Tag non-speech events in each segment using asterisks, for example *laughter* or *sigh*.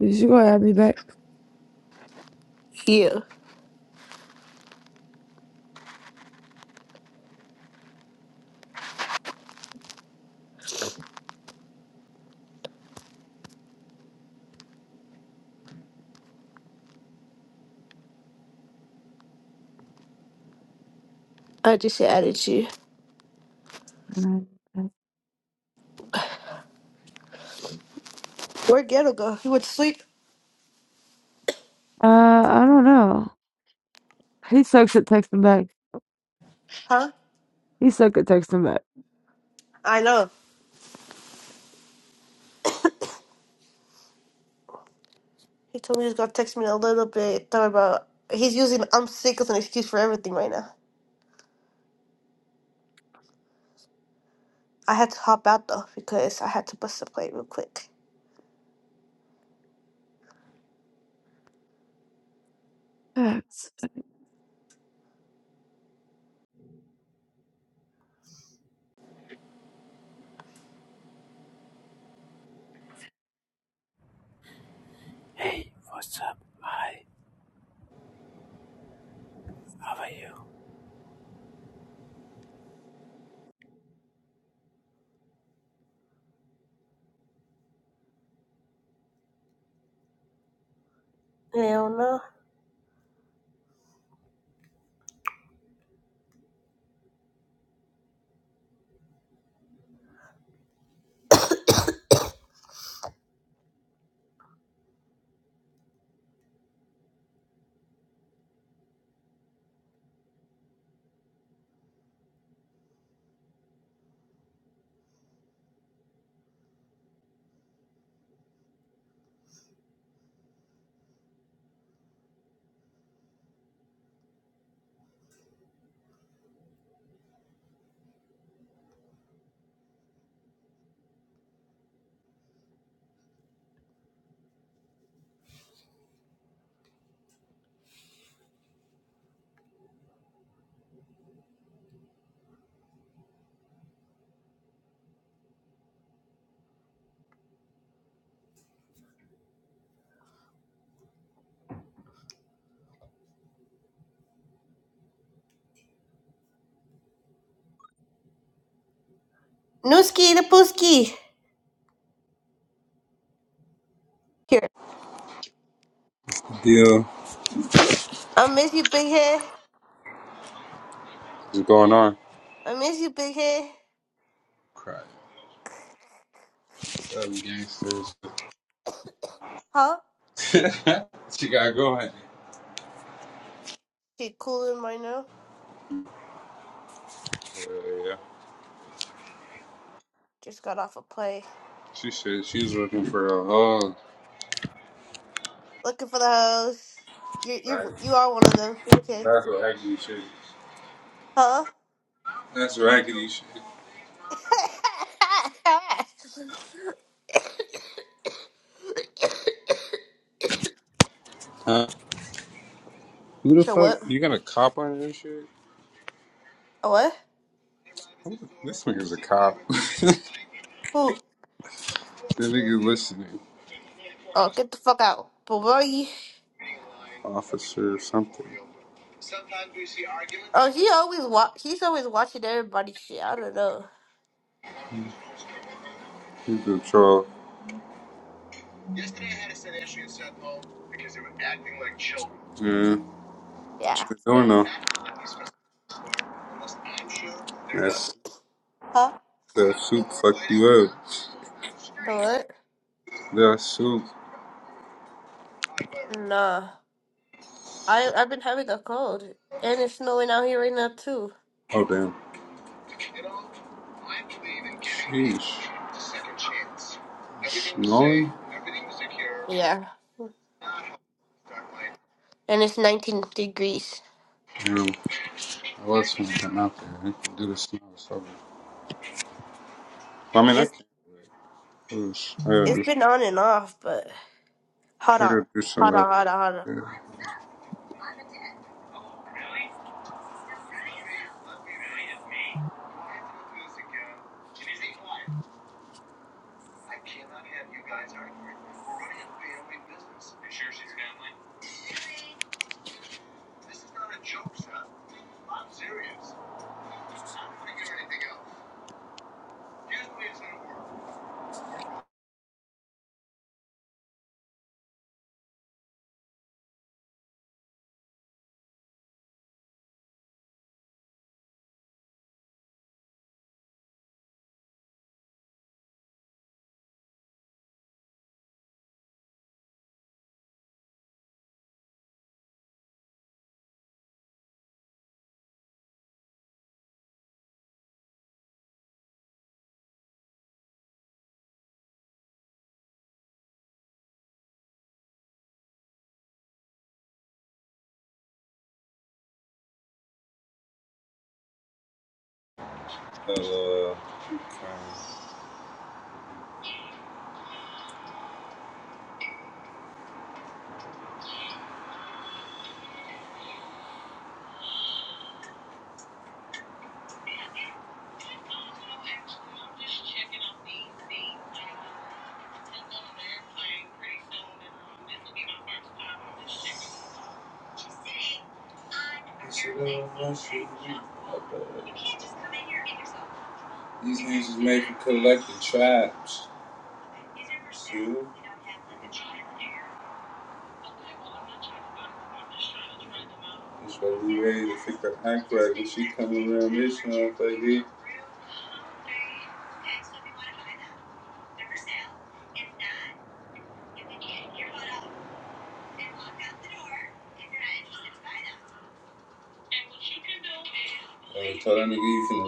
Is she gonna have me back? Yeah, I just added you. Uh, Where'd Ghetto go? He went to sleep? I don't know. He sucks at texting back. Huh? He sucks at texting back. I know. He told me he was gonna text me in a little bit. Thought about. He's using I'm sick as an excuse for everything right now. I had to hop out though because I had to bust a plate real quick. Facts. Hey, what's up? Hi, how are you? Hell no. Nooski the pooski. Here. Yeah. I miss you, big head. What's going on? I miss you, big head. Crap. Seven gangsters. Huh? *laughs* she gotta go honey. She cooling right now. Uh, yeah. Just got off a play. She said she's looking for a hug. Looking for the hoes. You Right. you you are one of them. Okay. That's raggedy shit. Huh? That's raggedy shit. *laughs* Huh? Who the So fuck? what? You got a cop on your shit? A What? Who the- This nigga's a cop. *laughs* this Who? nigga listening. Oh, get the fuck out, but Officer or something. Oh, she always wa- She's always watching everybody shit. I don't know. He's patrol. Yeah. What Yeah. you doing though? That soup, Huh? that soup fucked you up. The what? That soup. Nah. I I've been having a cold, and it's snowing out here right now too. Oh damn. Peace. Yeah. And it's 19 degrees. Damn. I was finna come out there. I can do this now. It's over. I mean, I It's can't. do it. Oosh. I gotta it's do. been on and off, but hold I on, gotta do some hold other. on, hold on, hold on. shit. Uh, okay. These niggas is made for collecting traps. That's what we could hang. But I nigga, you finna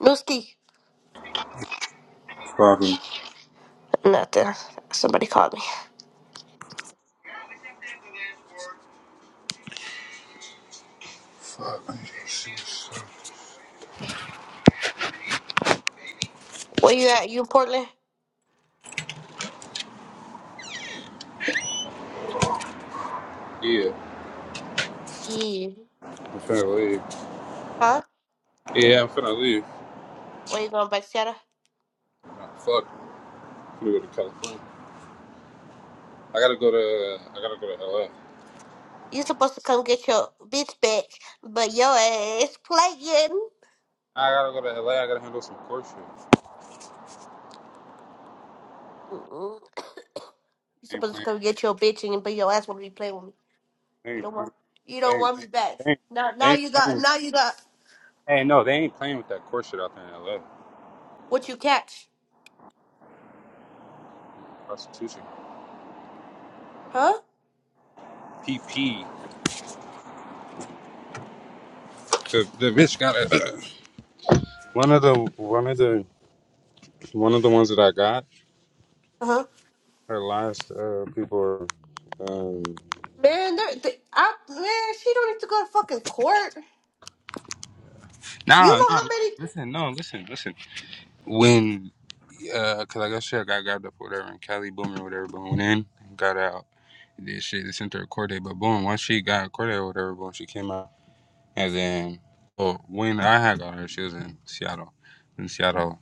Nooski. leave. Probably. Nothing. Somebody called me. Fuck. I need to see some- Where you at? You in Portland? Yeah, Yeah. I'm finna leave. Huh? Yeah, I'm finna leave. Where you going, back, Shadow? Nah, fuck. I'm finna go to California. I gotta go to. I gotta go to LA. You supposed to come get your bitch back, but your ass playing. I gotta go to LA. I gotta handle some court shit. Mm-mm. *coughs* You They ain't supposed to playing. come get your bitch and but your ass wanna be playing with me. They You don't ain't playing. want you They don't ain't want me playing. back. They ain't, Now they now ain't you got playing. now you got Hey, no, they ain't playing with that court shit out there in L.A. what you catch. Prostitution, Huh? PP. The the bitch got a, *coughs* *clears throat* one of the one of the one of the ones that I got. Uh-huh. Her last uh, people. Are, um, Man, they they, I, man, she don't need to go to fucking court. You nah, know nah. how many Listen, no, listen, listen. When uh, cause I guess she got grabbed up or whatever, and Cali Boom or whatever, but went in, got out. Did shit, they sent her a court date, but boom, once she got a court date or whatever, boom, she came out, and then, well, when I had got her, she was in Seattle. In Seattle,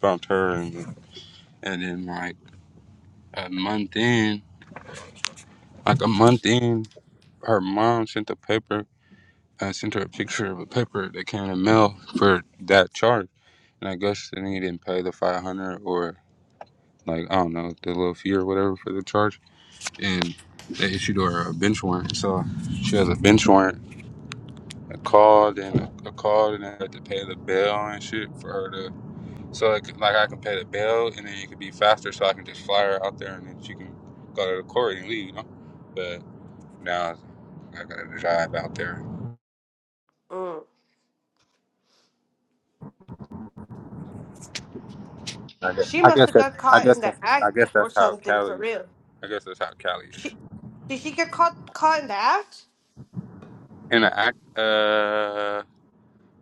bumped her and And then like a month in, like a month in, her mom sent a paper. I sent her a picture of a paper that came in the mail for that charge. And I guess then he didn't pay the five hundred or like I don't know the little fee or whatever for the charge. And they issued her a bench warrant. So she has a bench warrant. I called and I called and I had to pay the bail and shit for her to So like, like I can pay the bill, and then you could be faster, so I can just fly her out there, and then she can go to the court and leave, you know. But now I gotta drive out there. mm. I guess, She I must guess have that's got I caught guess in the that's I act guess or that's how something for Cali. real. I guess that's how Cali is. She did she get caught caught in the act? In the act, uh,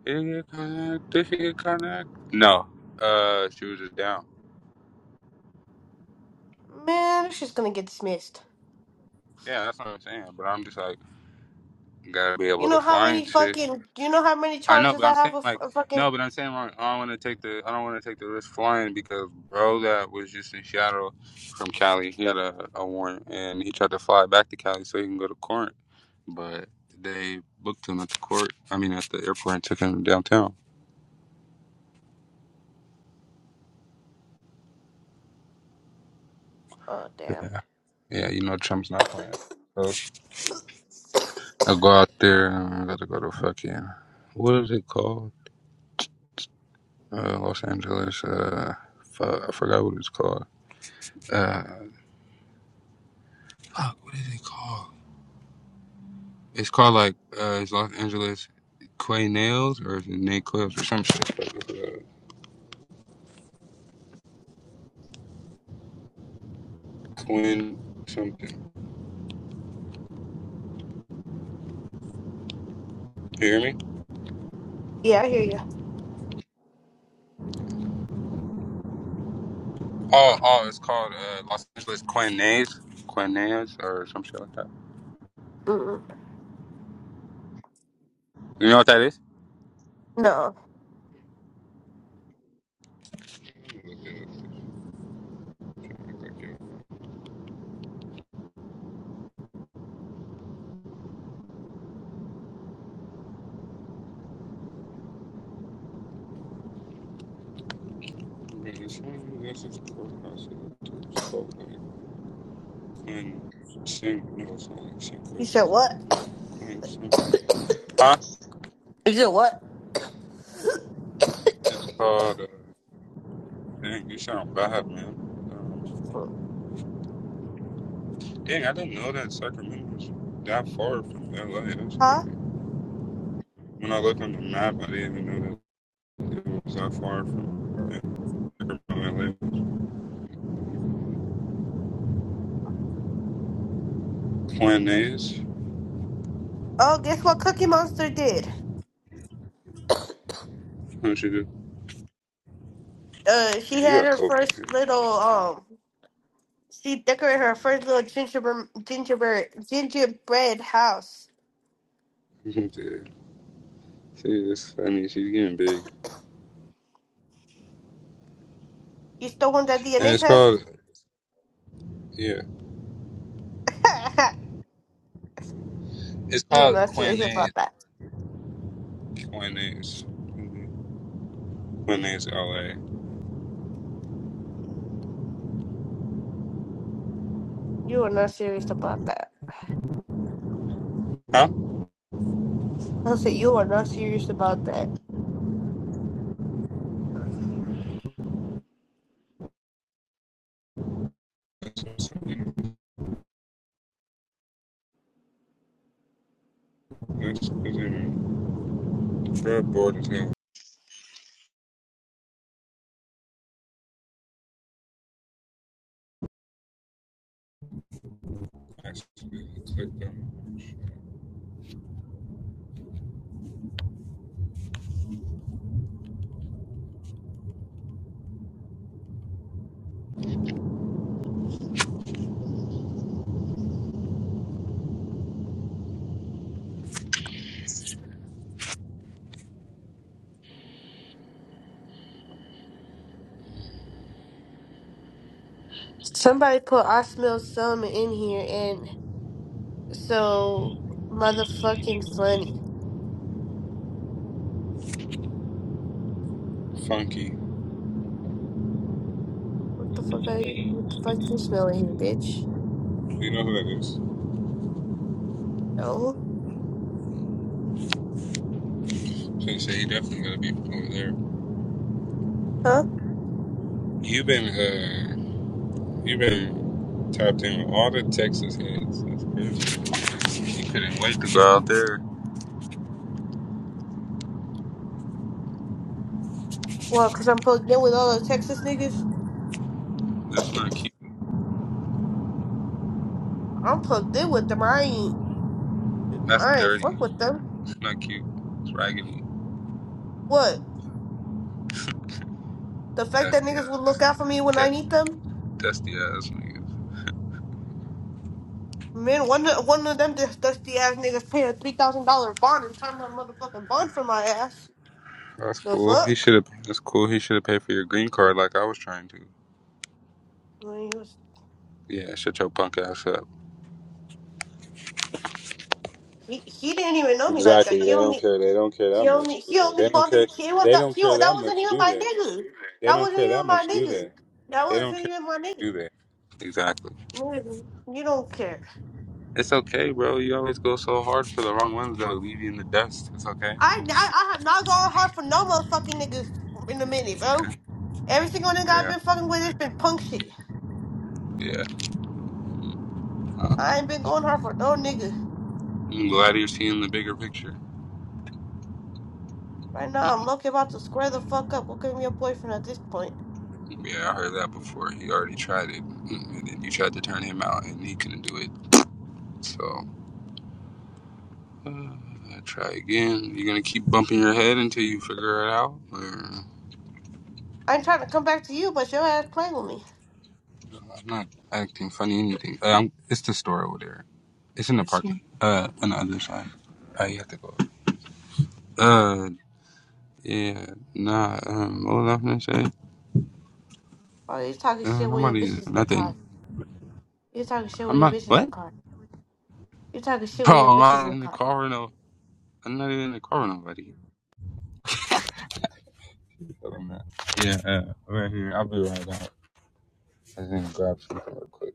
did he get connect? Did she get connect? No, uh, she was just down. Man, she's gonna get dismissed. Yeah, that's what I'm saying. But I'm just like gotta be You able to know how fly many and shit. fucking? You know how many I know, charges but I I'm have saying of like of fucking? no, but I'm saying like, I don't want to take the I don't want to take the risk flying because bro that was just in Seattle from Cali. He had a, a warrant and he tried to fly back to Cali so he can go to court, but they booked him at the court. I mean at the airport and took him downtown. Oh damn. Yeah, yeah, you know Trump's not playing. So I go out there. and I gotta go to fucking what is it called? Uh, Los Angeles. Uh, fuck, I forgot what it's called. Uh, fuck, what is it called? It's called like uh, it's Los Angeles Quay Nails or is it Nate Clips or some shit. Uh, Quinn something. You hear me? Yeah, I hear you. Oh, oh, it's called uh, Los Angeles Quay Nails, Quay Nails or some shit like that. Mm-mm. You know what that is? No. Huh? What? It's called. Uh, dang, you sound bad, man. Dang, I didn't know that Sacramento was that far from LA. That's Huh? crazy. When I looked on the map, I didn't even know that it was that far from Sacramento, LA. Planes? Oh, guess what Cookie Monster did? What you do? Uh, she Yeah, you had got her COVID. first little um. She decorated her first little gingerbread gingerbread gingerbread house. man. *laughs* Dude, See, this, I mean, she's getting big. You still want that And DNA it's test? called, yeah, *laughs* it's you are called not serious Quinaes. about that. Quinaes. Mhm. Quinaes, LA. You are not serious about that. Huh? I said you are not serious about that. That's what's in, that's what's in, Fred Borden, actually, clicked on Somebody put I smell some in here and. So motherfucking funny. funky. What the fuck I what the fuck you smelling here, bitch? You know who that is? No. Can't say he definitely got to be performing there. Huh? You've been uh, you've been tapped in with all the Texas heads. That's crazy. You couldn't wait to go out there. Well, cause I'm plugged in with all those Texas niggas. That's not cute. I'm plugged in with them. I ain't That's I ain't dirty. fuck with them. It's not cute. It's raggedy, What? The fact that dusty niggas eyes, would look out for me when I Def- need them? dusty eyes niggas. Man, one of, one of them just dusty ass niggas paid a three thousand dollar bond and signed my motherfucking bond for my ass. That's The cool. He fuck? should have. That's cool. He should have paid for your green card like I was trying to. I mean, he, was, Yeah, shut your punk ass up. he he didn't even know me like that. Exactly. He They don't only care. They don't care that He much. only do he They only They don't care. bothered he was They that don't he care wa- that that wasn't much. even Do my they? nigga. They That don't wasn't care that even my much. Do nigga. they? That They don't wasn't care even my that much, nigga. do they? Exactly. Mm, You don't care. It's okay, bro. You always go so hard for the wrong ones that'll leave you in the dust. It's okay. I I, I have not gone hard for no motherfucking niggas in a minute, bro. Okay. Every single nigga I've Yeah. been fucking with has been punk shit. Yeah. I Um, ain't been going hard for no nigga. I'm glad you're seeing the bigger picture. Right *laughs* yeah, now I'm lucky about to square the fuck up. Look at me a boyfriend at this point. I heard that before. He already tried it, and then you tried to turn him out, and he couldn't do it. So, uh, try again. You're gonna keep bumping your head until you figure it out. Or I ain't trying to come back to you, but your ass playing with me. I'm not acting funny. or Anything? Uh, it's the store over there. It's in the parking. Uh, on the other side. Uh, you have to go. Uh, Yeah, nah, um, what was I gonna say? Oh, you talking Uh, shit with your nobody, bitches in the nothing. car. You talking shit I'm with your not, bitches in the what? car. You talking shit Bro, with your I'm bitches in not the in the car. car with no, I'm not even in the car with nobody. Yeah, uh, here, I'll be right out. I'm gonna grab something real quick.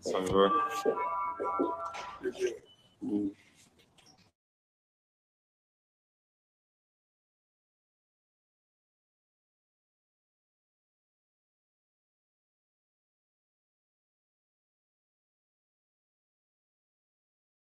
Sorry, bro.